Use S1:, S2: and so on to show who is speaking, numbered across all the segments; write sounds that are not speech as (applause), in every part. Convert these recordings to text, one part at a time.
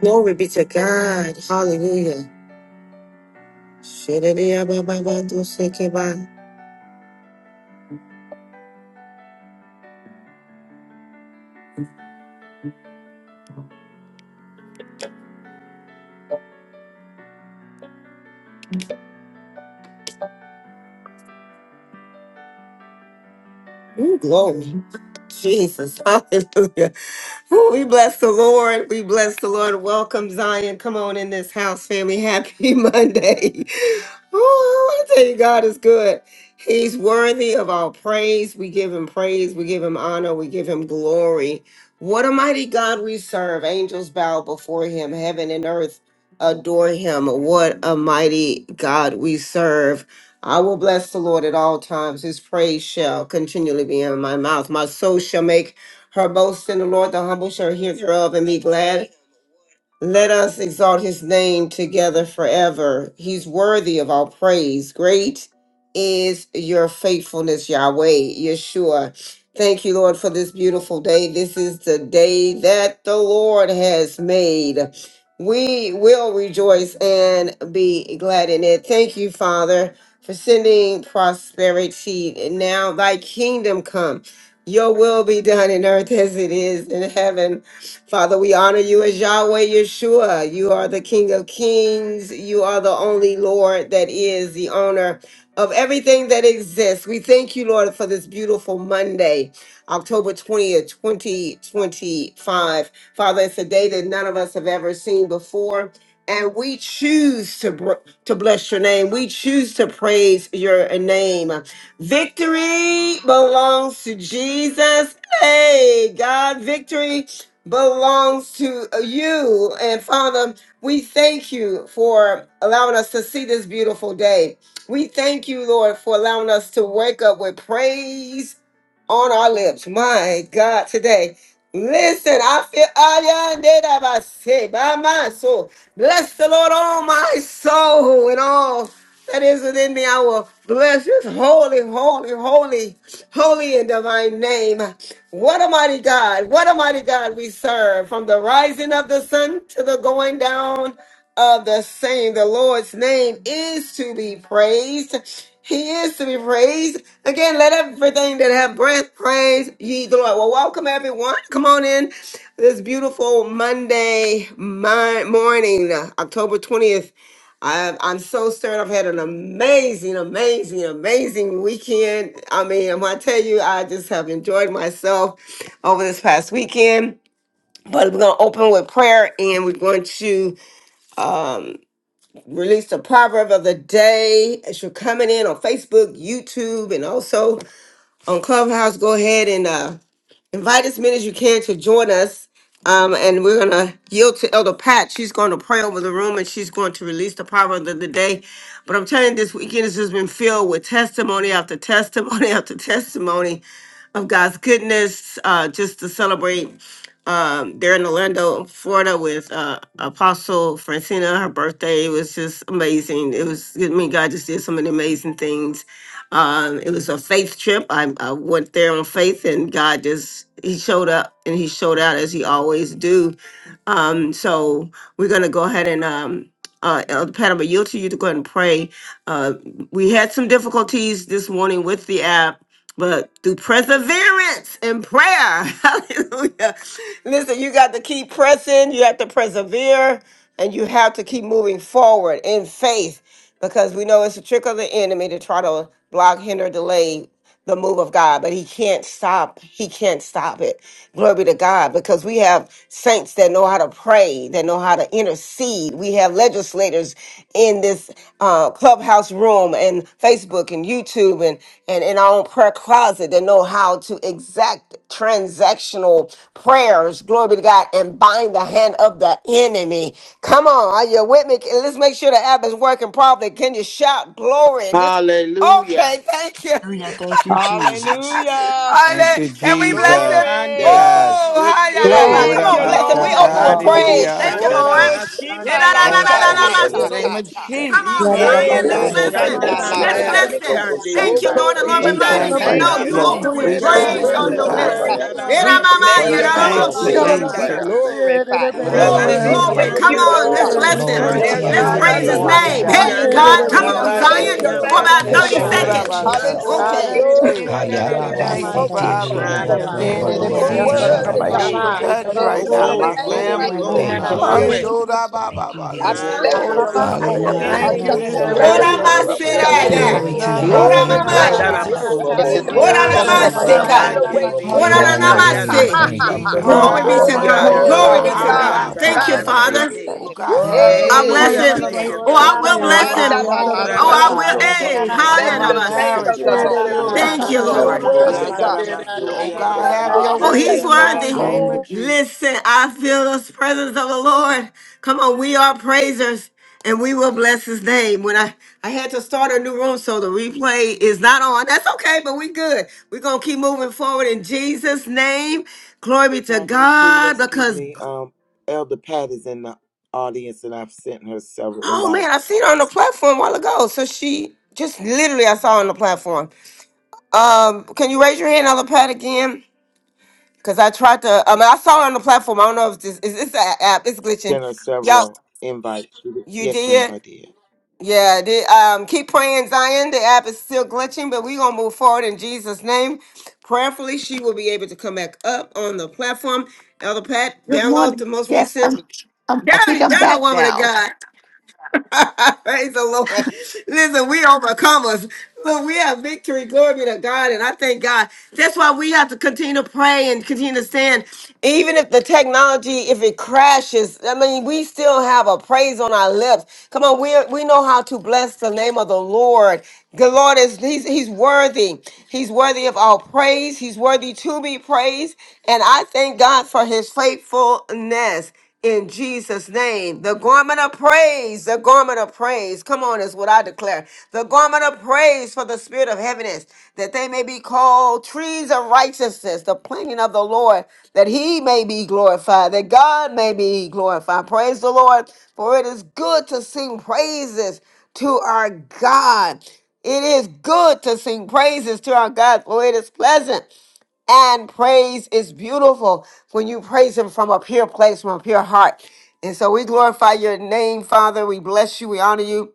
S1: Glory be to God. Hallelujah. Shedidiya ba ba ba do shake it by. Ooh, glory. Jesus. (laughs) Hallelujah. (laughs) Woo, we bless the Lord. We bless the Lord. Welcome, Zion. Come on in this house, family. Happy (laughs) Monday. Oh, I want to tell you, God is good. He's worthy of all praise. We give him praise. We give him honor. We give him glory. What a mighty God we serve. Angels bow before him. Heaven and earth adore him. What a mighty God we serve. I will bless the Lord at all times. His praise shall continually be in my mouth. My soul shall make her boast in the Lord, the humble shall hear thereof and be glad. Let us exalt his name together forever. He's worthy of all praise. Great is your faithfulness, Yahweh, Yeshua. Thank you, Lord, for this beautiful day. This is the day that the Lord has made. We will rejoice and be glad in it. Thank you, Father, for sending prosperity. And now thy kingdom come. Your will be done in earth as it is in heaven. Father, we honor you as Yahweh Yeshua. You are the King of Kings. You are the only Lord that is the owner of everything that exists. We thank you, Lord, for this beautiful Monday, October 20th, 2025. Father, it's a day that none of us have ever seen before. And we choose to, br- to bless your name. We choose to praise your name. Victory belongs to Jesus. Hey, God, victory belongs to you. And Father, we thank you for allowing us to see this beautiful day. We thank you, Lord, for allowing us to wake up with praise on our lips. My God, today. Listen, I feel I did have I say by my soul. Bless the Lord, all my soul, and all that is within me. I will bless his holy, holy, holy, holy and divine name. What a mighty God. What a mighty God we serve. From the rising of the sun to the going down of the same. The Lord's name is to be praised. He is to be praised. Again, let everything that have breath praise ye the Lord. Well, welcome everyone. Come on in this beautiful Monday mi- morning, October 20th. I, I'm so stirred. I've had an amazing, amazing, amazing weekend. I mean, I'm gonna tell you, I just have enjoyed myself over this past weekend. But we're going to open with prayer and we're going to um, release the proverb of the day. If you're coming in on Facebook, YouTube, and also on Clubhouse, go ahead and uh, invite as many as you can to join us. Um, and we're gonna yield to Elder Pat. She's going to pray over the room and she's going to release the power of the day. But I'm telling you, this weekend has just been filled with testimony after testimony (laughs) after testimony of God's goodness, uh, just to celebrate. Um, there in Orlando, Florida, with uh, Apostle Francina, her birthday was just amazing. It was, I mean, God just did so many amazing things. Um, it was a faith trip. I, I went there on faith, and God just He showed up and He showed out as He always do. Um, so we're gonna go ahead and um, uh, Elder Pat, I'm gonna yield to you to go ahead and pray. Uh, we had some difficulties this morning with the app but through perseverance and prayer, (laughs) hallelujah. Listen, you got to keep pressing, you have to persevere, and you have to keep moving forward in faith because we know it's a trick of the enemy to try to block, hinder, delay the move of God, but he can't stop. He can't stop it. Glory be to God because we have saints that know how to pray, that know how to intercede. We have legislators in this uh, clubhouse room and Facebook and YouTube and, and in our own prayer closet that know how to exact transactional prayers. Glory be to God and bind the hand of the enemy. Come on. Are you with me? Let's make sure the app is working properly. Can you shout glory? This
S2: Hallelujah.
S1: Okay, thank you.
S3: Hallelujah. Thank you, Jesus.
S4: Hallelujah.
S5: Thank
S1: Hallelujah.
S5: you,
S1: Can we bless him?
S5: Jesus.
S4: Glory.
S5: Yes.
S1: Oh,
S2: Andarabashete.
S1: hallelujah. Come
S6: Glory,
S4: Thank
S1: on,
S4: you,
S1: bless him. We
S4: Lord.
S1: open
S6: glory,
S1: with
S2: Ikando bo
S1: praise. Thank you,
S7: Hallelujah.
S2: shandara
S1: Lord.
S5: Urabashatarididiyasoko.
S4: Oh,
S1: yeah
S4: Shimala,
S1: da
S2: masandara
S1: da
S4: la
S1: da
S5: Yes,
S1: da
S5: God.
S1: da
S7: Shandalabasataya,
S1: da
S5: In the
S4: shakata
S2: rabaseke.
S1: so
S7: Lalabosa.
S5: name of
S4: tata.
S1: Come on,
S5: Jesus.
S4: Eh,
S2: Ikando
S1: Zion.
S6: glory.
S8: Yararabaya
S2: bo
S1: Let's
S6: Glory,
S7: Oh,
S1: bless
S8: soko
S1: him.
S4: bashanda
S2: shandara
S7: Labosa,
S4: la
S1: Let's
S8: yerere
S4: sa.
S1: bless
S8: yanda.
S1: him.
S7: Lalabosa,
S5: Yes.
S2: masikande
S1: Thank you, Lord.
S4: Oko
S1: The
S2: rebase.
S1: Lord
S5: We
S4: bisha.
S1: reminded
S7: Shandalabasataya.
S5: thank
S1: me.
S5: you,
S4: Thank
S8: Yararabaya
S1: No,
S4: you,
S1: you
S8: soko
S1: open
S5: Lord.
S4: Jesus.
S1: with
S5: We
S2: Ramasita
S4: You are
S8: yerere
S5: thank
S1: praise on
S6: glory,
S5: you,
S8: yanda.
S4: worthy,
S1: your
S4: Lord.
S1: lips.
S5: Zion.
S4: Ah,
S8: Yararabaya
S2: ramasurianda
S7: Hallelujah.
S1: yeah
S8: haya.
S4: We
S7: I
S1: ma
S6: glory.
S1: ma
S2: ramaseke
S4: bless
S1: yeah
S5: We
S4: your
S7: praise
S1: da
S5: thank
S1: bo
S4: name
S7: your
S5: you,
S7: holy
S1: shit
S4: today.
S2: rabashurianda
S4: We
S7: name.
S5: Jesus.
S2: raba.
S8: Yararabaya da
S4: glorify
S8: yerere
S4: you.
S7: Oh,
S8: beyaz
S1: Glory,
S7: Labosa,
S8: siki.
S4: We
S5: Good.
S1: glory.
S4: lift
S9: Hallelujah.
S1: Come
S4: you
S2: Rabasurianda
S8: Yararabaya
S4: up,
S1: on,
S8: da
S4: God.
S1: let's
S7: Lalabosa,
S5: As
S6: Glory,
S5: we
S1: bless
S8: yerere
S1: him.
S9: Glory
S2: ramasikando
S9: to
S8: beyaz
S4: There's
S6: glory.
S9: your
S2: bo
S5: persevere
S1: Let's
S4: none
S9: high
S8: haya.
S7: Shandalabasataya,
S5: this
S1: praise
S9: name,
S1: his
S4: other
S2: shande.
S9: Lord
S4: like
S5: morning,
S6: Hallelujah,
S1: name.
S4: you.
S9: God.
S7: Lalabosa.
S5: God,
S1: Hey,
S4: Hallelujah.
S2: Yanda
S8: Yerere
S1: God.
S5: there's
S1: Come
S4: We
S5: none
S8: beyaz
S6: hallelujah.
S1: on,
S5: like you,
S8: sata.
S2: ramasete
S4: bless
S1: Zion,
S7: Oh,
S4: your
S1: for
S2: yamba
S4: name
S1: about
S5: Jesus.
S8: Yararabaya da
S9: Bless
S1: 30
S7: Labosa,
S4: today.
S9: your name,
S8: yararabaya
S1: seconds.
S2: korabasi
S7: Lalabosa,
S8: sata.
S2: kanda.
S9: Jesus.
S4: Hallelujah.
S1: Okay.
S5: Urabashataya. Hey,
S4: Glory to
S7: Shandalabasataya,
S4: your name.
S7: Lalabosa.
S5: thank
S2: Yandarabashe.
S5: you,
S4: Glory,
S5: Father,
S4: glory,
S5: in the
S2: Maya
S4: glory.
S5: name of
S7: Oh,
S8: Yerere
S4: You
S2: basuri
S4: are
S8: beyaz
S7: Labosa,
S5: Jesus.
S4: worthy,
S8: yararabaya
S4: God.
S2: yandarabase.
S8: da
S7: Lalabosa,
S5: Touch
S4: There's
S8: yararabaya
S2: Oh,
S5: right
S4: no
S9: Hayarabasitirulobokorobositiarabashatadadadabos.
S8: soko.
S5: now,
S4: other
S5: my
S2: glory,
S4: name
S2: glory,
S7: Shandalabasataya,
S5: family,
S4: higher than
S5: Lord
S4: the
S2: glory,
S9: Thank you,
S6: Baba,
S5: God.
S7: Lalabosa.
S4: name of
S5: Eh,
S2: glory.
S9: Father.
S5: do
S8: Hallelujah.
S5: da
S8: Jesus.
S4: Jesus.
S5: ba ba
S3: Thank you,
S5: ba,
S4: I
S5: shake
S6: Hallelujah,
S5: it
S4: bless
S8: Oh
S1: Zion.
S4: you
S5: down.
S4: this
S8: yararabaya
S2: Yandaramasuri
S4: morning.
S8: da
S9: Hallelujah.
S5: Thank you
S2: yande.
S5: this
S8: yerere beyaz
S5: morning,
S1: Ora
S2: Kiande
S5: Lord.
S6: hallelujah.
S8: yararabaya.
S4: Hashakandalududusha.
S2: beshende.
S3: Jesus.
S5: There
S1: maseraya.
S5: is
S9: Glory to your
S5: none
S9: high
S5: like
S1: Ora
S5: you,
S4: Glory,
S9: name, Lord
S1: mamaya.
S4: glory,
S5: Father.
S4: glory.
S9: Jesus.
S8: Yerere
S1: Ora
S8: beyaz
S5: Oh,
S2: Besikandaramasotoria.
S4: Hallelujah.
S5: there's
S8: yararabaya
S5: none
S4: Have
S8: soko.
S1: namaseka.
S4: your
S5: like you,
S2: Mande
S4: way this day,
S1: Ora
S4: God. (laughs)
S8: Hallelujah.
S5: Jesus.
S4: Ha
S9: Hallelujah.
S1: namase.
S4: ha
S9: Thank
S4: ha
S9: you,
S5: We
S4: ha.
S2: beshikandarabasete.
S8: Oh,
S9: Father.
S1: Glory
S8: Baba,
S5: cry
S1: be
S5: out to
S1: to
S8: Baba,
S5: you,
S1: God.
S5: Lord
S8: Kaya,
S1: Glory
S5: God,
S4: Oh
S8: Rere,
S1: be to
S2: Yandarabasuri
S8: Beya,
S4: God,
S7: Shandala
S1: God.
S5: Abba,
S4: we
S8: Kaya,
S1: Thank you,
S4: bind
S8: Rere,
S5: Father.
S4: the
S8: Beya,
S4: hand
S1: Father.
S4: of
S2: yandarabasete.
S4: the
S5: Oh,
S8: Kaya.
S1: Woo!
S4: enemy.
S5: God, have your
S1: I
S2: Thank
S4: Hey,
S1: bless
S5: way
S8: Kaya,
S2: you,
S1: him.
S8: Rere,
S2: thank
S4: Shika
S8: Beya,
S2: you,
S5: today.
S1: Oh,
S2: thank
S1: I
S8: Shoko,
S2: you,
S1: will
S2: thank
S8: Rere,
S1: bless
S5: Cover
S2: you.
S5: our
S1: him.
S4: Tanda
S8: Beya,
S4: La La
S8: Rere,
S5: home,
S1: Oh,
S4: Sa.
S5: Lord
S8: Beya,
S1: I will.
S5: God.
S8: Shoko.
S1: Hey,
S5: Cover
S2: Rababasandaramase.
S4: Bless
S5: my
S4: the name
S1: hallelujah.
S4: of
S5: marriage,
S4: the
S5: my
S8: Rere,
S4: Lord.
S8: Rere, Beya,
S5: children,
S1: Thank
S5: my
S8: Kaya,
S1: you,
S4: You
S8: Rere,
S4: are
S1: Lord.
S5: children's
S8: Beya,
S4: worthy,
S8: Shoko,
S4: God.
S5: children.
S8: Rere,
S2: Yandaramasuri
S5: Oh,
S4: We
S8: Beya,
S5: God,
S8: Rere,
S4: love
S5: have
S4: you
S3: Hallelujah.
S5: your
S8: Ah.
S1: Oh,
S5: way
S6: Hallelujah.
S5: in
S1: he's
S4: today.
S5: the mighty
S2: yandaramaseke.
S1: worthy.
S5: name of
S8: Oh.
S5: Jesus.
S1: Listen, I feel the presence of the Lord. Come on, we are praisers and we will bless his name. When I, I had to start a new room, so the replay is not on. That's okay, but we good. We're going to keep moving forward in Jesus' name. Glory be to
S2: Prophetess Sheila,
S1: God
S2: excuse
S1: because,
S2: me. Um, Elder Pat is in the audience, and I've sent her several
S1: oh man, I
S2: invites.
S1: seen her on the platform a while ago. So she just literally, I saw her on the platform. Um, Can you raise your hand, Elder Pat, again? Cause I tried to. I mean, I saw it on the platform. I don't know if this is this an app. It's glitching.
S2: Sent her
S1: Y'all,
S2: several invites.
S1: you
S2: Yes, ma'am,
S1: did.
S2: I did.
S1: Yeah. Did um keep praying, Zion. The app is still glitching, but we gonna move forward in Jesus' name. Prayerfully, she will be able to come back up on the platform. Elder Pat,
S10: Good
S1: download the
S10: morning.
S1: most
S10: Yes,
S1: recent.
S10: I'm, I'm. I think
S1: Dirty,
S10: I'm
S1: dirty
S10: back
S1: woman of
S10: now.
S1: God. (laughs) Praise the Lord. Listen, we overcomers. Look, we have victory. Glory be to God. And I thank God. That's why we have to continue to pray and continue to stand. Even if the technology, if it crashes, I mean, we still have a praise on our lips. Come on, we we know how to bless the name of the Lord. The Lord is He's He's worthy. He's worthy of our praise. He's worthy to be praised. And I thank God for his faithfulness in Jesus' name. The garment of praise, the garment of praise. Come on, is what I declare. The garment of praise for the spirit of heaviness, that they may be called trees of righteousness, the planting of the Lord, that he may be glorified, that God may be glorified. Praise the Lord, for it is good to sing praises to our God. It is good to sing praises to our God, for it is pleasant and praise is beautiful when you praise him from a pure place from a pure heart and so we glorify your name father we bless you we honor you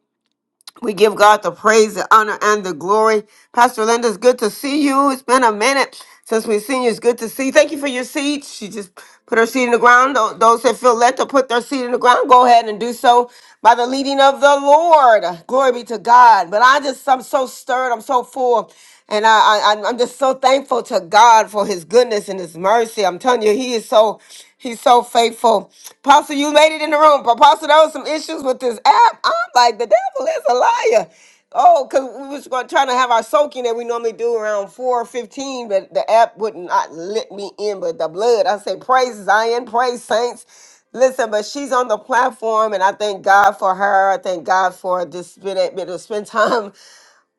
S1: we give God the praise, the honor, and the glory. Pastor Linda, it's good to see you. It's been a minute since we've seen you. It's good to see you. Thank you for your seed. She just put her seed in the ground. Tho- Those that feel led to put their seed in the ground, go ahead and do so by the leading of the Lord. Glory be to God. But I just, I'm so stirred. I'm so full. And I, I, I'm I'm just so thankful to God for his goodness and his mercy. I'm telling you, he is so He's so faithful. Apostle, you made it in the room. But Apostle, there was some issues with this app. I'm like, the devil is a liar. Oh, because we was going to try to have our soaking that we normally do around 4 15, but the app would not let me in. But the blood, I say, praise Zion, praise saints. Listen, but she's on the platform, and I thank God for her. I thank God for just being able to spend time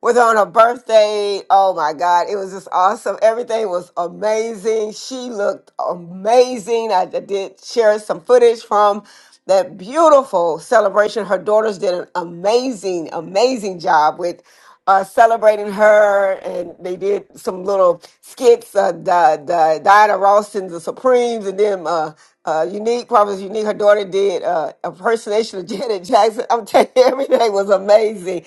S1: was on her birthday. Oh my God, it was just awesome. Everything was amazing. She looked amazing. I d- did share some footage from that beautiful celebration. Her daughters did an amazing, amazing job with uh, celebrating her, and they did some little skits. Uh, the, the Diana Ross and the Supremes, and then uh, uh, Unique, Prophet Unique, her daughter did uh, impersonation of Janet (laughs) Jackson. I'm telling you, everything was amazing.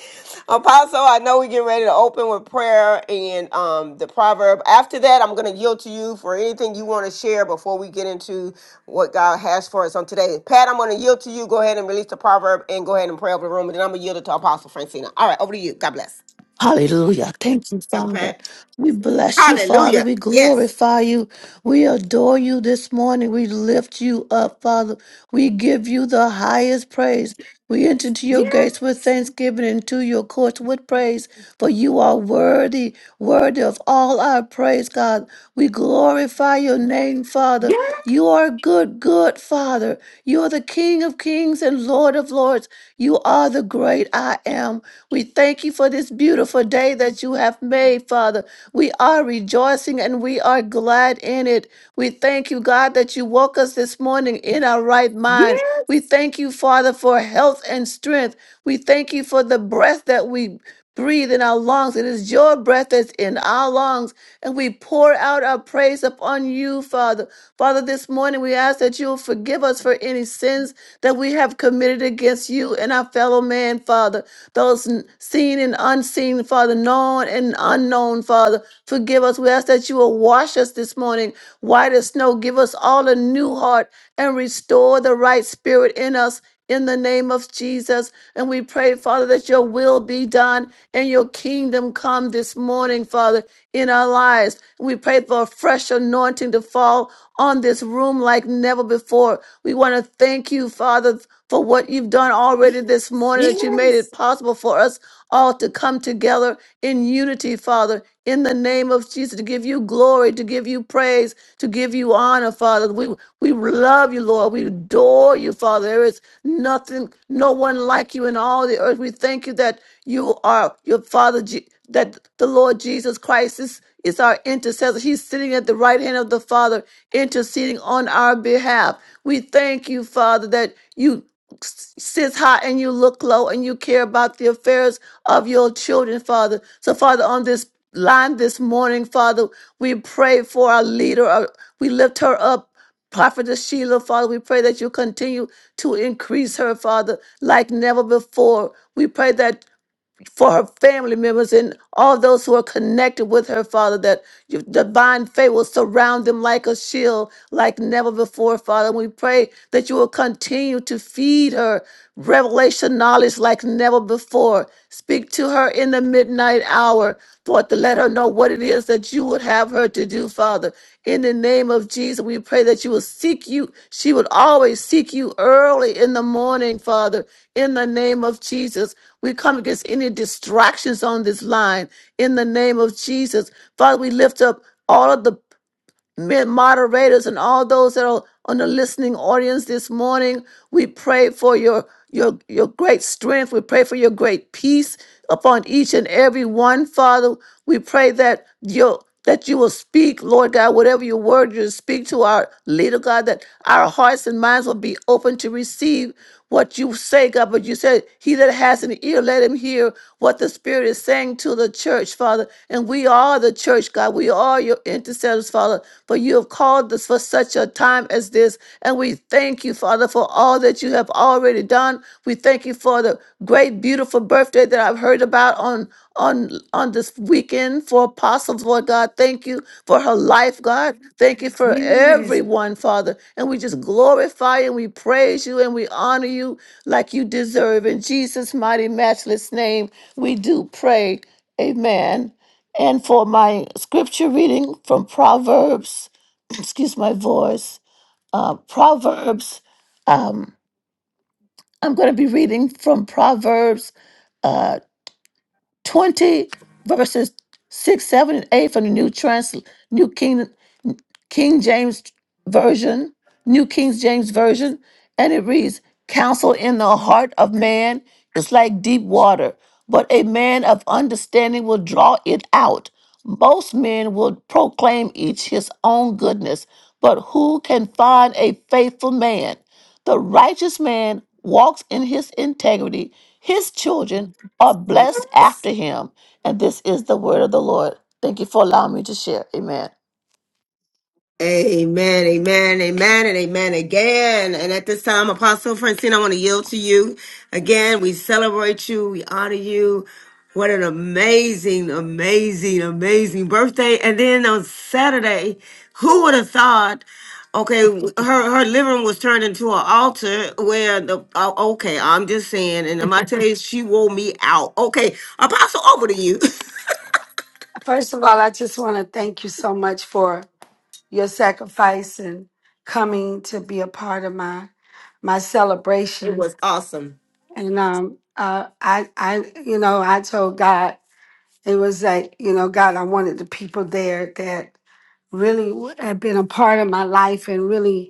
S1: Apostle, I know we're getting ready to open with prayer and um, the proverb. After that, I'm going to yield to you for anything you want to share before we get into what God has for us on today. Pat, I'm going to yield to you. Go ahead and release the proverb and go ahead and pray over the room. And then I'm going to yield it to Apostle Francina. All right, over to you. God bless.
S10: Hallelujah. Thank you,
S1: Elder
S10: Father.
S1: Pat.
S10: We bless you, Father.
S1: Hallelujah.
S10: We
S1: Yes.
S10: glorify you. We adore you this morning. We lift you up, Father. We give you the highest praise. We enter into your gates with thanksgiving and to your courts with praise, for you are worthy, worthy of all our praise, God. We glorify your name, Father.
S1: Yeah.
S10: You are good, good Father. You are the King of kings and Lord of lords. You are the great I am. We thank you for this beautiful day that you have made, Father. We are rejoicing and we are glad in it. We thank you, God, that you woke us this morning in our right mind. We thank you, Father, for health and strength. We thank you for the breath that we breathe in our lungs. It is your breath that's in our lungs. And we pour out our praise upon you, Father. Father, this morning we ask that you'll forgive us for any sins that we have committed against you and our fellow man, Father those n- seen and unseen, Father, known and unknown, Father. Forgive us. We ask that you will wash us this morning, white as snow. Give us all a new heart and restore the right spirit in us. In the name of Jesus. And we pray, Father, that your will be done and your kingdom come this morning, Father, in our lives. We pray for a fresh anointing to fall on this room like never before. We want to thank you, Father, for what you've done already this morning, that you made it possible for us all to come together in unity, Father, in the name of Jesus, to give you glory, to give you praise, to give you honor, Father. We, we love you, Lord. We adore you, Father. There is nothing, no one like you in all the earth. We thank you that you are your Father, Je- that the Lord Jesus Christ is, is our intercessor. He's sitting at the right hand of the Father, interceding on our behalf. We thank you, Father, that you sits high and you look low and you care about the affairs of your children, Father. So, Father, on this line this morning, Father, we pray for our leader. uh, We lift her up. Prophetess Sheila, Father, we pray that you continue to increase her, Father, like never before. We pray that for her family members and all those who are connected with her, Father, that your divine favor will surround them like a shield, like never before, Father. We pray that you will continue to feed her revelation knowledge like never before. Speak to her in the midnight hour, Lord, to let her know what it is that you would have her to do, Father. In the name of Jesus, we pray that you will seek you. She would always seek you early in the morning, Father. In the name of Jesus, we come against any distractions on this line. In the name of Jesus, Father, we lift up all of the ma- moderators and all those that are on the listening audience this morning. We pray for your your your great strength. We pray for your great peace upon each and every one, Father. We pray that your that you will speak, Lord God, whatever your word you speak to our leader, God, that our hearts and minds will be open to receive what you say, God. But you said, He that has an ear, let him hear what the Spirit is saying to the church, Father. And we are the church, God. We are your intercessors, Father. For you have called us for such a time as this. And we thank you, Father, for all that you have already done. We thank you for the great, beautiful birthday that I've heard about on on on this weekend for apostles, Lord God. Thank you for her life, God. Thank you for everyone, Father. And we just glorify and we praise you and we honor you like you deserve. In Jesus' mighty, matchless name, we do pray. Amen. And for my scripture reading from Proverbs, (clears throat) excuse my voice, uh, Proverbs, um, I'm going to be reading from Proverbs uh, 20, verses 6, 7, and 8 from the New Trans New King King James Version, New King James Version, and it reads, Counsel in the heart of man is like deep water, but a man of understanding will draw it out. Most men will proclaim each his own goodness, but who can find a faithful man? The righteous man walks in his integrity. His children are blessed after him. And this is the word of the Lord. Thank you for allowing me to share. Amen.
S1: Amen, amen, amen, and amen again. And at this time, Apostle Francine, I want to yield to you. Again, we celebrate you, we honor you. What an amazing, amazing, amazing birthday. And then on Saturday, who would have thought? Okay, her her living room was turned into an altar where the oh, okay, I'm just saying, and I'm not telling you, she wore me out. Okay, Apostle, over to you. (laughs)
S11: First of all, I just want to thank you so much for your sacrifice and coming to be a part of my my
S1: It
S11: celebration.
S1: was awesome.
S11: And um, uh, I, I, you know, I told God it was like, you know, God, I wanted the people there that really had been a part of my life and really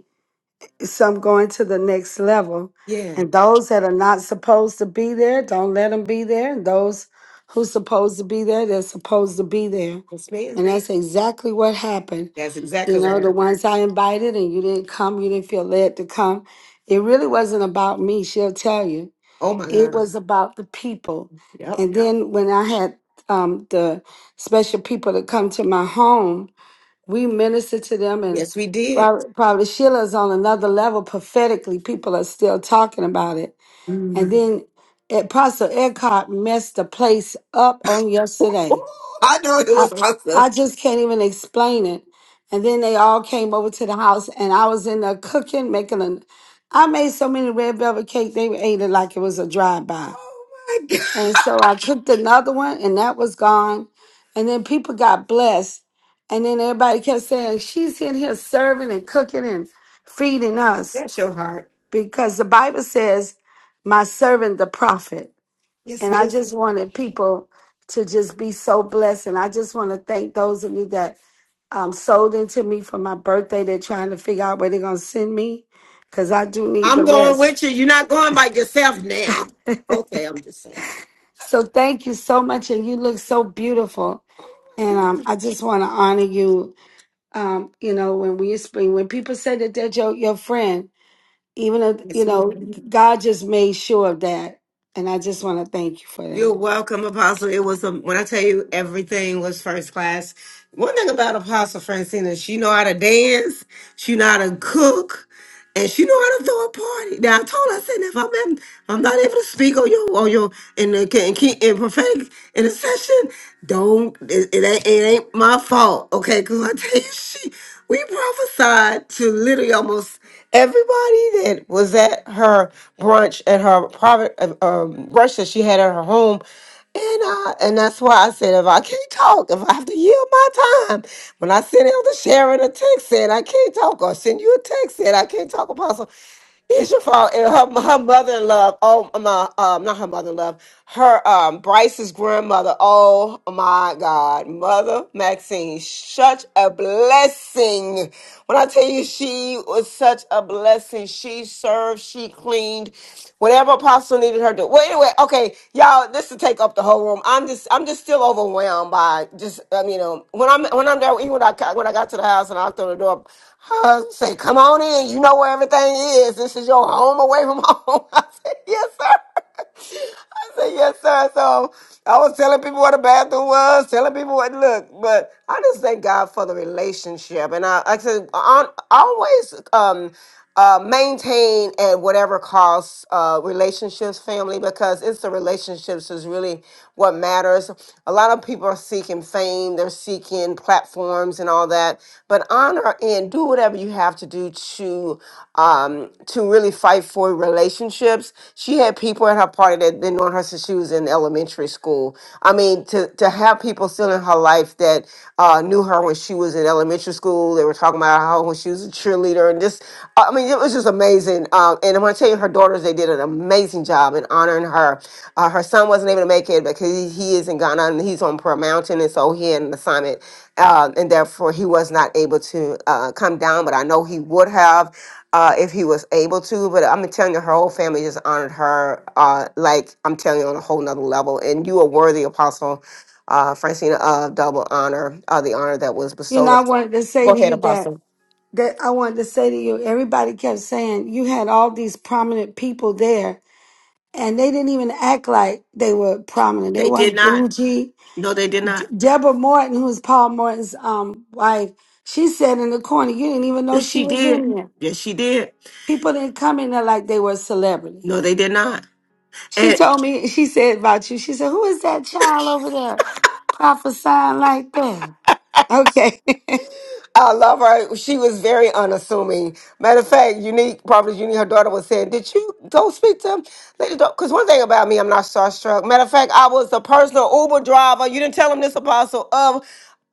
S11: some going to the next level.
S1: Yeah,
S11: And those that are not supposed to be there, don't let them be there. And those who's supposed to be there, they're supposed to be there.
S1: yes, ma'am.
S11: And that's exactly what happened.
S1: That's
S11: You
S1: exactly what
S11: know, the
S1: happened.
S11: ones I invited and you didn't come, you didn't feel led to come. It really wasn't about me, she'll tell you.
S1: Oh my God.
S11: It was about the people.
S1: Yep.
S11: And then when I had um, the special people that come to my home, we minister to them and
S1: Yes, we did.
S11: Robert- probably Sheila's on another level prophetically. People are still talking about it. And
S1: Mm.
S11: then Apostle Eckhart messed the place up on yesterday.
S1: Oh, I know it
S11: I,
S1: was awesome.
S11: I just can't even explain it. And then they all came over to the house and I was in there cooking, making a I made so many red velvet cake, they ate it like it was a drive-by.
S1: Oh my God.
S11: And so I cooked another one and that was gone. And then people got blessed. And then everybody kept saying, She's in here serving and cooking and feeding us.
S1: That's your heart.
S11: Because the Bible says, My servant, the prophet.
S1: Yes,
S11: And I
S1: ma'am.
S11: just wanted people to just be so blessed. And I just want to thank those of you that um, sold into me for my birthday. They're trying to figure out where they're going to send me because I do need the
S1: I'm going
S11: rest.
S1: with you. You're not going by yourself now. Okay, I'm just saying.
S11: So thank you so much. And you look so beautiful.
S1: Oh my
S11: And um,
S1: God.
S11: I just want to honor you. Um, you know, when we speak, when people say that they're your, your friend, even if, you
S1: Yes,
S11: know,
S1: ma'am.
S11: God just made sure of that. And I just want to thank you for
S1: You're
S11: that.
S1: welcome, Apostle. It was a, when I tell you everything was first class. One thing about Apostle Francina, she know how to dance, she know how to cook, and she know how to throw a party. Now I told her, I said, if I'm in, I'm not able to speak on your on your in the in, in, prophetic in prophetic session. don't it, it ain't it ain't my fault, okay? Because I tell you, (laughs) she we prophesied to literally almost everybody that was at her brunch at her private uh, um, brunch that she had at her home and uh, and that's why I said if I can't talk, if I have to yield my time, when I send Elder Sharon a text saying I can't talk, or send you a text saying I can't talk, Apostle, it's your fault. And her her mother in law. Oh my, um, not her mother in law. Her um, Bryce's grandmother. Oh my God, Mother Maxine, such a blessing. When I tell you, she was such a blessing. She served. She cleaned. Whatever Apostle needed her to. Well, anyway, okay, y'all. This to take up the whole room. I'm just, I'm just still overwhelmed by just, um, you know, when I'm, when I'm there, even when I, when I got to the house and I knocked on the door. Huh? Say, come on in. You know where everything is. This is your home away from home. (laughs) I said, yes, sir. I said, yes, sir. So I was telling people where the bathroom was, telling people what look. But I just thank God for the relationship. And I, like I said, on, always. Um, uh, maintain at whatever cost uh, relationships, family, because it's the relationships is really what matters. A lot of people are seeking fame, they're seeking platforms and all that. But honor and do whatever you have to do to um, to really fight for relationships. She had people at her party that been on her since she was in elementary school. I mean, to to have people still in her life that uh, knew her when she was in elementary school, they were talking about how when she was a cheerleader and just I mean, it was just amazing. Um, and I want to tell you, her daughters, they did an amazing job in honoring her. Uh, her son wasn't able to make it because he, he is in Ghana and he's on Pearl Mountain. And so he had an assignment. Uh, and therefore, he was not able to uh, come down. But I know he would have uh, if he was able to. But I'm telling you, her whole family just honored her, uh, like I'm telling you, on a whole nother level. And you are worthy, Apostle uh, Francina, of double honor, uh, the honor that was
S11: You know,
S1: bestowed.
S11: I
S1: upon-
S11: wanted to say
S1: Go
S11: to
S1: ahead,
S11: you that
S1: Apostle.
S11: that I wanted to say to you, everybody kept saying you had all these prominent people there, and they didn't even act like they were prominent. They
S1: They did
S11: weren't
S1: not.
S11: bougie.
S1: No, they did
S11: D-
S1: not.
S11: Deborah Morton, who was Paul Morton's um wife, she said in the corner, you didn't even know
S1: Yes,
S11: she
S1: she
S11: was
S1: did.
S11: in there.
S1: Yes, she did.
S11: People didn't come in there like they were a celebrity.
S1: No, they did not.
S11: She
S1: And
S11: told me, she said about you, she said, Who is that child over there prophesying like that? Okay. (laughs)
S1: I love her. She was very unassuming. Matter of fact, Unique, probably Unique, her daughter was saying, Did you go speak to him? Because one thing about me, I'm not starstruck. Matter of fact, I was the personal Uber driver. You didn't tell him this, Apostle, of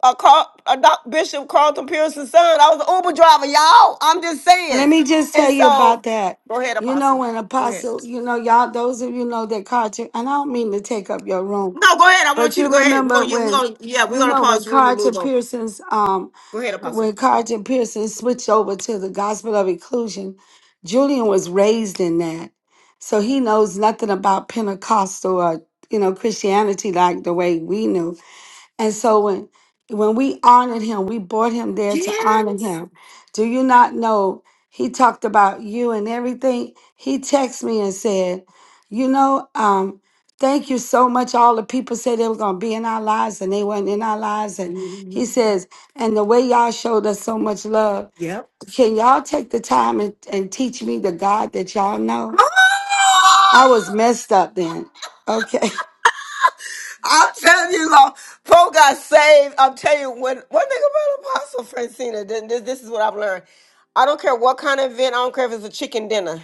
S1: a, Car- a Doc Bishop Carlton Pearson's son. I was the Uber driver, y'all. I'm just
S11: Let
S1: saying.
S11: me just tell
S1: And
S11: you
S1: so,
S11: about that.
S1: go ahead,
S11: You know,
S1: Apostle.
S11: when
S1: Go ahead.
S11: Apostle, you know, y'all, those of you know that Carter, and I don't mean to take up your room,
S1: No, go ahead. I want
S11: but
S1: you
S11: you
S1: to go ahead. We're
S11: remember
S1: going to, we're
S11: when,
S1: going to, yeah, we're
S11: you
S1: going to
S11: know,
S1: pause
S11: when
S1: the room and
S11: Carter
S1: move on.
S11: Pearson's um
S1: Go ahead, Apostle.
S11: When Carlton Pearson switched over to the gospel of inclusion, Julian was raised in that. So he knows nothing about Pentecostal or, you know, Christianity like the way we knew. And so when when we honored him, we brought him there to honor
S1: Yes.
S11: him. Do you not know? He talked about you and everything. He texted me and said, "You know, um, thank you so much. All the people said they were gonna be in our lives, and they weren't in our lives." And
S1: hmm
S11: he says, "And the way y'all showed us so much love,
S1: Yep.
S11: can y'all take the time and, and teach me the God that y'all know?"
S1: Oh!
S11: I was messed up then. Okay.
S1: I'm telling you, Lord, Paul got saved. I'm telling you, when one thing about Apostle Francina, then this, this is what I've learned. I don't care what kind of event, I don't care if it's a chicken dinner.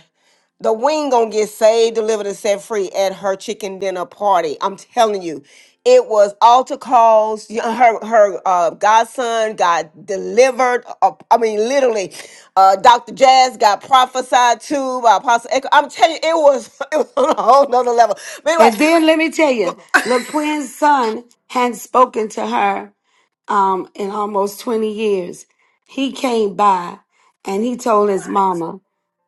S1: The wing gonna get saved, delivered, and set free at her chicken dinner party. I'm telling you, it was altar calls. y- uh, Her her uh, godson got delivered. uh, I mean, literally, uh, Dr. Jazz got prophesied to by Apostle. Echo. I'm telling you, it was (laughs) it was on a whole nother level. But anyway,
S11: And then let me tell you, LaQuinn's son hadn't spoken to her um, in almost 20 years. He came by and he told his mama,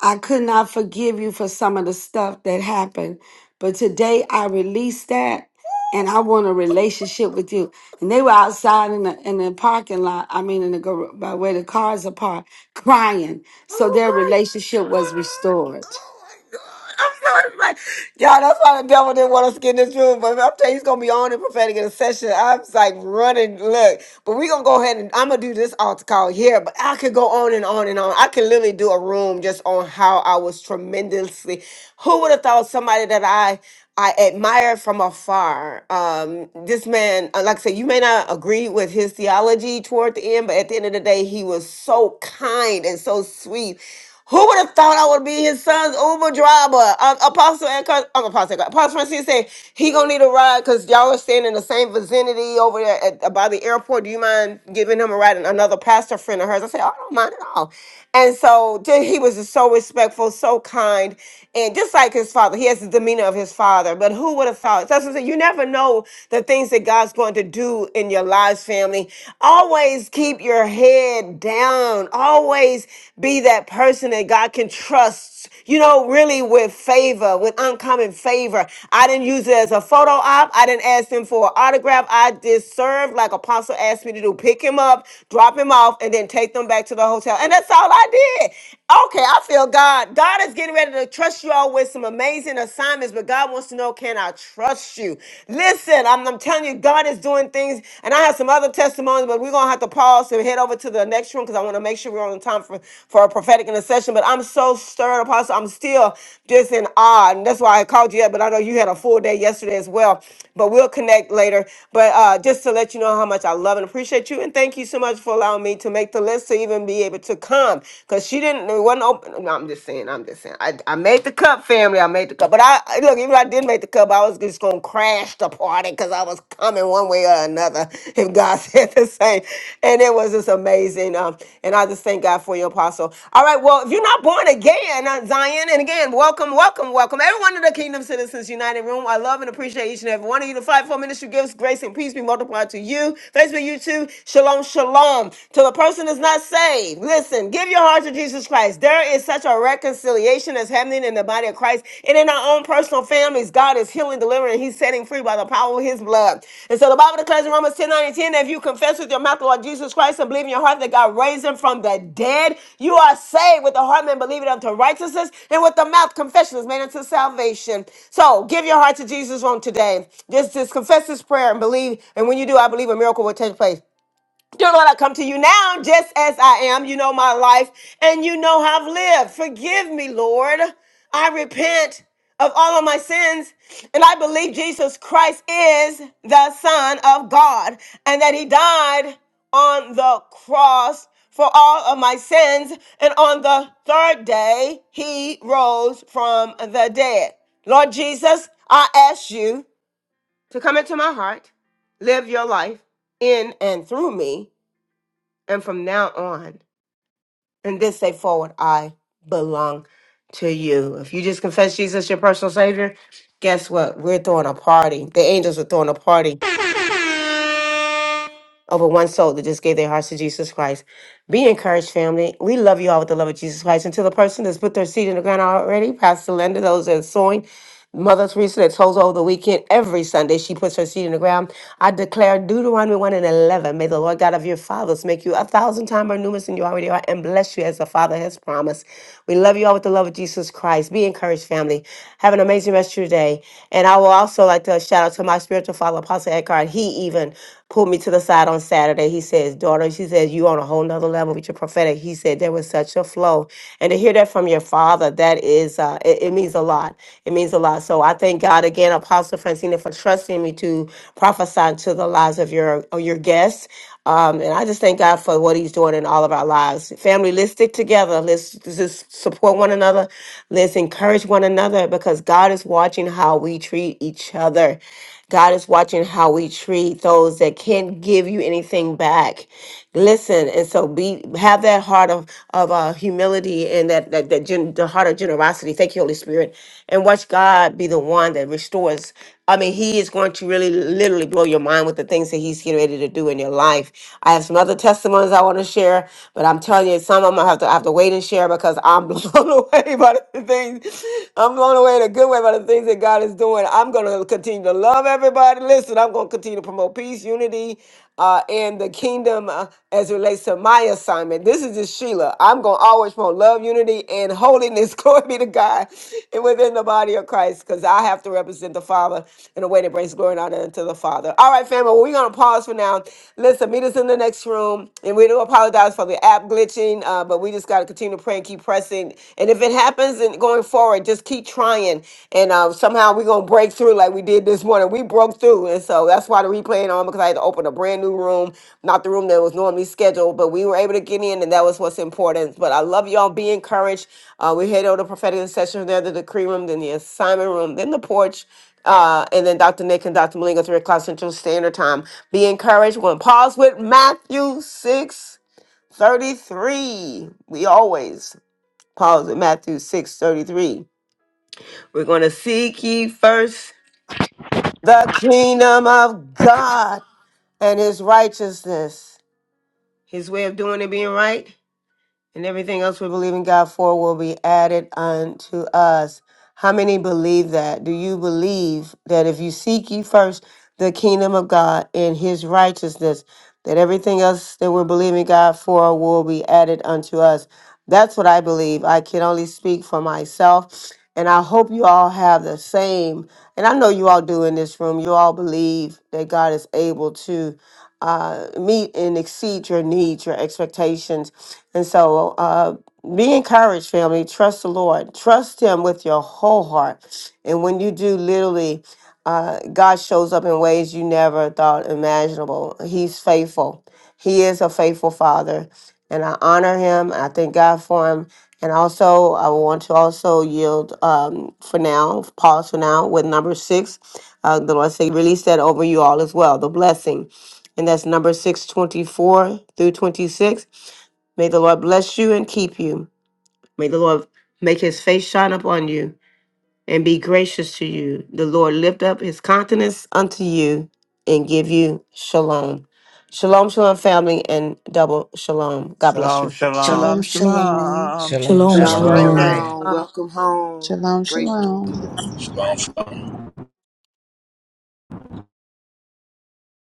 S11: I could not forgive you for some of the stuff that happened, but today I released that and I want a relationship with you. And they were outside in the, in the parking lot, I mean, in the, gar- by where the cars are parked, crying. So their
S1: oh
S11: relationship was restored.
S1: I'm sorry, like, y'all, that's why the devil didn't want us to get in this room. But I'm telling you, he's gonna be on in prophetic intercession. I'm like running. Look, but we're gonna go ahead and I'm gonna do this altar call here. But I could go on and on and on. I could literally do a room just on how I was tremendously. Who would have thought somebody that I I admire from afar. Um, this man, uh, like I said, you may not agree with his theology toward the end, but at the end of the day, he was so kind and so sweet who would have thought I would be his son's Uber driver? Uh, Apostle and Cous- uh, Apostle, Apostle Francine said he gonna need a ride because y'all are staying in the same vicinity over there at, by the airport. Do you mind giving him a ride? And another pastor friend of hers, I said, "Oh, I don't mind at all. And so ju- he was just so respectful, so kind, and just like his father, he has the demeanor of his father. But who would have thought? That's what I'm saying. You never know the things that God's going to do in your lives, family. Always keep your head down. Always be that person that God can trust you know, really with favor, with uncommon favor. I didn't use it as a photo op. I didn't ask him for an autograph. I just served like Apostle asked me to do pick him up, drop him off, and then take them back to the hotel. And that's all I did. Okay, I feel God. God is getting ready to trust you all with some amazing assignments, but God wants to know can I trust you? Listen, I'm, I'm telling you, God is doing things, and I have some other testimonies, but we're going to have to pause to head over to the next room because I want to make sure we're on time for, for a prophetic intercession. But I'm so stirred, Apostle. I'm still just in awe. And that's why I called you up. But I know you had a full day yesterday as well. But we'll connect later. But uh, just to let you know how much I love and appreciate you. And thank you so much for allowing me to make the list to even be able to come because she didn't, it wasn't open. No, I'm just saying, I'm just saying. I, I made the cup, family. I made the cup. But I, look, even if I did make the cup, I was just going to just gonna crash the party because I was coming one way or another. If God (laughs) said the same, and it was just amazing. Um, and I just thank God for you, Apostle. All right, well, if you're not born again, uh, Zion, and again, welcome, welcome, welcome, everyone to the Kingdom Citizens United Room. I love and appreciate each and every one of you. The fivefold ministry gifts, grace and peace be multiplied to you. Thanks for you too. Shalom, shalom. To the person that's not saved, listen, give your heart to Jesus Christ. There is is such a reconciliation that's happening in the body of Christ and in our own personal families. God is healing, delivering, and He's setting free by the power of His blood. And so the Bible declares in Romans 10 9 and 10 that if you confess with your mouth the Lord Jesus Christ and believe in your heart that God raised Him from the dead, you are saved. With the heart, man believing unto righteousness, and with the mouth, confession is made unto salvation. So give your heart to Jesus on today. Just, just confess this prayer and believe. And when you do, I believe a miracle will take place. Dear Lord, I come to you now just as I am. You know my life and you know how I've lived. Forgive me, Lord. I repent of all of my sins and I believe Jesus Christ is the Son of God and that He died on the cross for all of my sins. And on the third day, He rose from the dead. Lord Jesus, I ask you to come into my heart, live your life in and through me and from now on, and this day forward, I belong to you. If you just confess Jesus your personal savior, guess what? We're throwing a party. The angels are throwing a party over one soul that just gave their hearts to Jesus Christ. Be encouraged, family. We love you all with the love of Jesus Christ. And to the person that's put their seed in the ground already, Pastor Linda, those that are sowing, Mother Teresa that sows over the weekend, every Sunday she puts her seed in the ground. I declare Deuteronomy 1 and 11, may the Lord God of your fathers make you a thousand times more numerous than you already are and bless you as the Father has promised. We love you all with the love of Jesus Christ. Be encouraged, family. Have an amazing rest of your day. And I will also like to shout out to my spiritual father, Apostle Eckhart. He even pulled me to the side on Saturday. He says, Daughter, she says, you on a whole nother level with your prophetic. He said, There was such a flow. And to hear that from your father, that is, uh, it, it means a lot. It means a lot. So I thank God again, Apostle Francina, for trusting me to prophesy to the lives of your, of your guests. Um, and I just thank God for what He's doing in all of our lives. Family, let's stick together. Let's just support one another. Let's encourage one another because God is watching how we treat each other. God is watching how we treat those that can't give you anything back. Listen, and so be have that heart of of uh, humility and that that, that gen, the heart of generosity. Thank you, Holy Spirit, and watch God be the one that restores. I mean, he is going to really literally blow your mind with the things that he's getting ready to do in your life. I have some other testimonies I want to share, but I'm telling you, some of them I have to I have to wait and share because I'm (laughs) blown away by the things. I'm blown away in a good way by the things that God is doing. I'm going to continue to love everybody. Listen, I'm going to continue to promote peace, unity uh, in the kingdom uh, as it relates to my assignment. This is just Sheila. I'm going to always promote love, unity, and holiness. (laughs) Glory be to God and within the body of Christ because I have to represent the Father in a way that brings glory and honor unto the Father. All right, family, well, we're going to pause for now. Listen, meet us in the next room. And we do apologize for the app glitching, uh, but we just got to continue to pray and keep pressing. And if it happens, and going forward, just keep trying, and uh, somehow we're gonna break through like we did this morning. We broke through, and so that's why the replay on because I had to open a brand new room, not the room that was normally scheduled, but we were able to get in, and that was what's important. But I love y'all. Be encouraged. Uh, we head over to prophetic session there, the decree room, then the assignment room, then the porch. Uh, and then Dr. Nick and Dr. Malinga, 3 o'clock Central Standard Time. Be encouraged. We're going to pause with Matthew 6 33. We always Pause at Matthew 633 We're going to seek ye first the kingdom of God and his righteousness. His way of doing it being right, And everything else we believe in God for will be added unto us. How many believe that? Do you believe that if you seek ye first the kingdom of God and his righteousness, that everything else that we're believing God for will be added unto us? That's what I believe. I can only speak for myself. And I hope you all have the same. And I know you all do in this room. You all believe that God is able to uh, meet and exceed your needs, your expectations and so uh, be encouraged, family. Trust the Lord. Trust Him with your whole heart. And when you do, literally, uh, God shows up in ways you never thought imaginable. He's faithful. He is a faithful Father. And I honor Him. I thank God for Him. And also, I want to also yield um, for now, pause for now with number six. Uh, the Lord say, release that over you all as well, the blessing. And that's number 624 through 26. May the Lord bless you and keep you. May the Lord make his face shine upon you and be gracious to you. The Lord lift up his countenance unto you and give you shalom. Shalom, shalom, family, and double shalom. God bless
S5: Shalom,
S1: you.
S5: shalom.
S4: Shalom, shalom.
S9: Shalom,
S12: Shalom,
S4: Have a
S2: Shalom,
S9: shalom.
S4: great
S12: shalom.
S4: day.
S5: Glory.
S2: shalom. Welcome home.
S8: Shalom,
S2: Great room
S8: shalom.
S2: today.
S13: response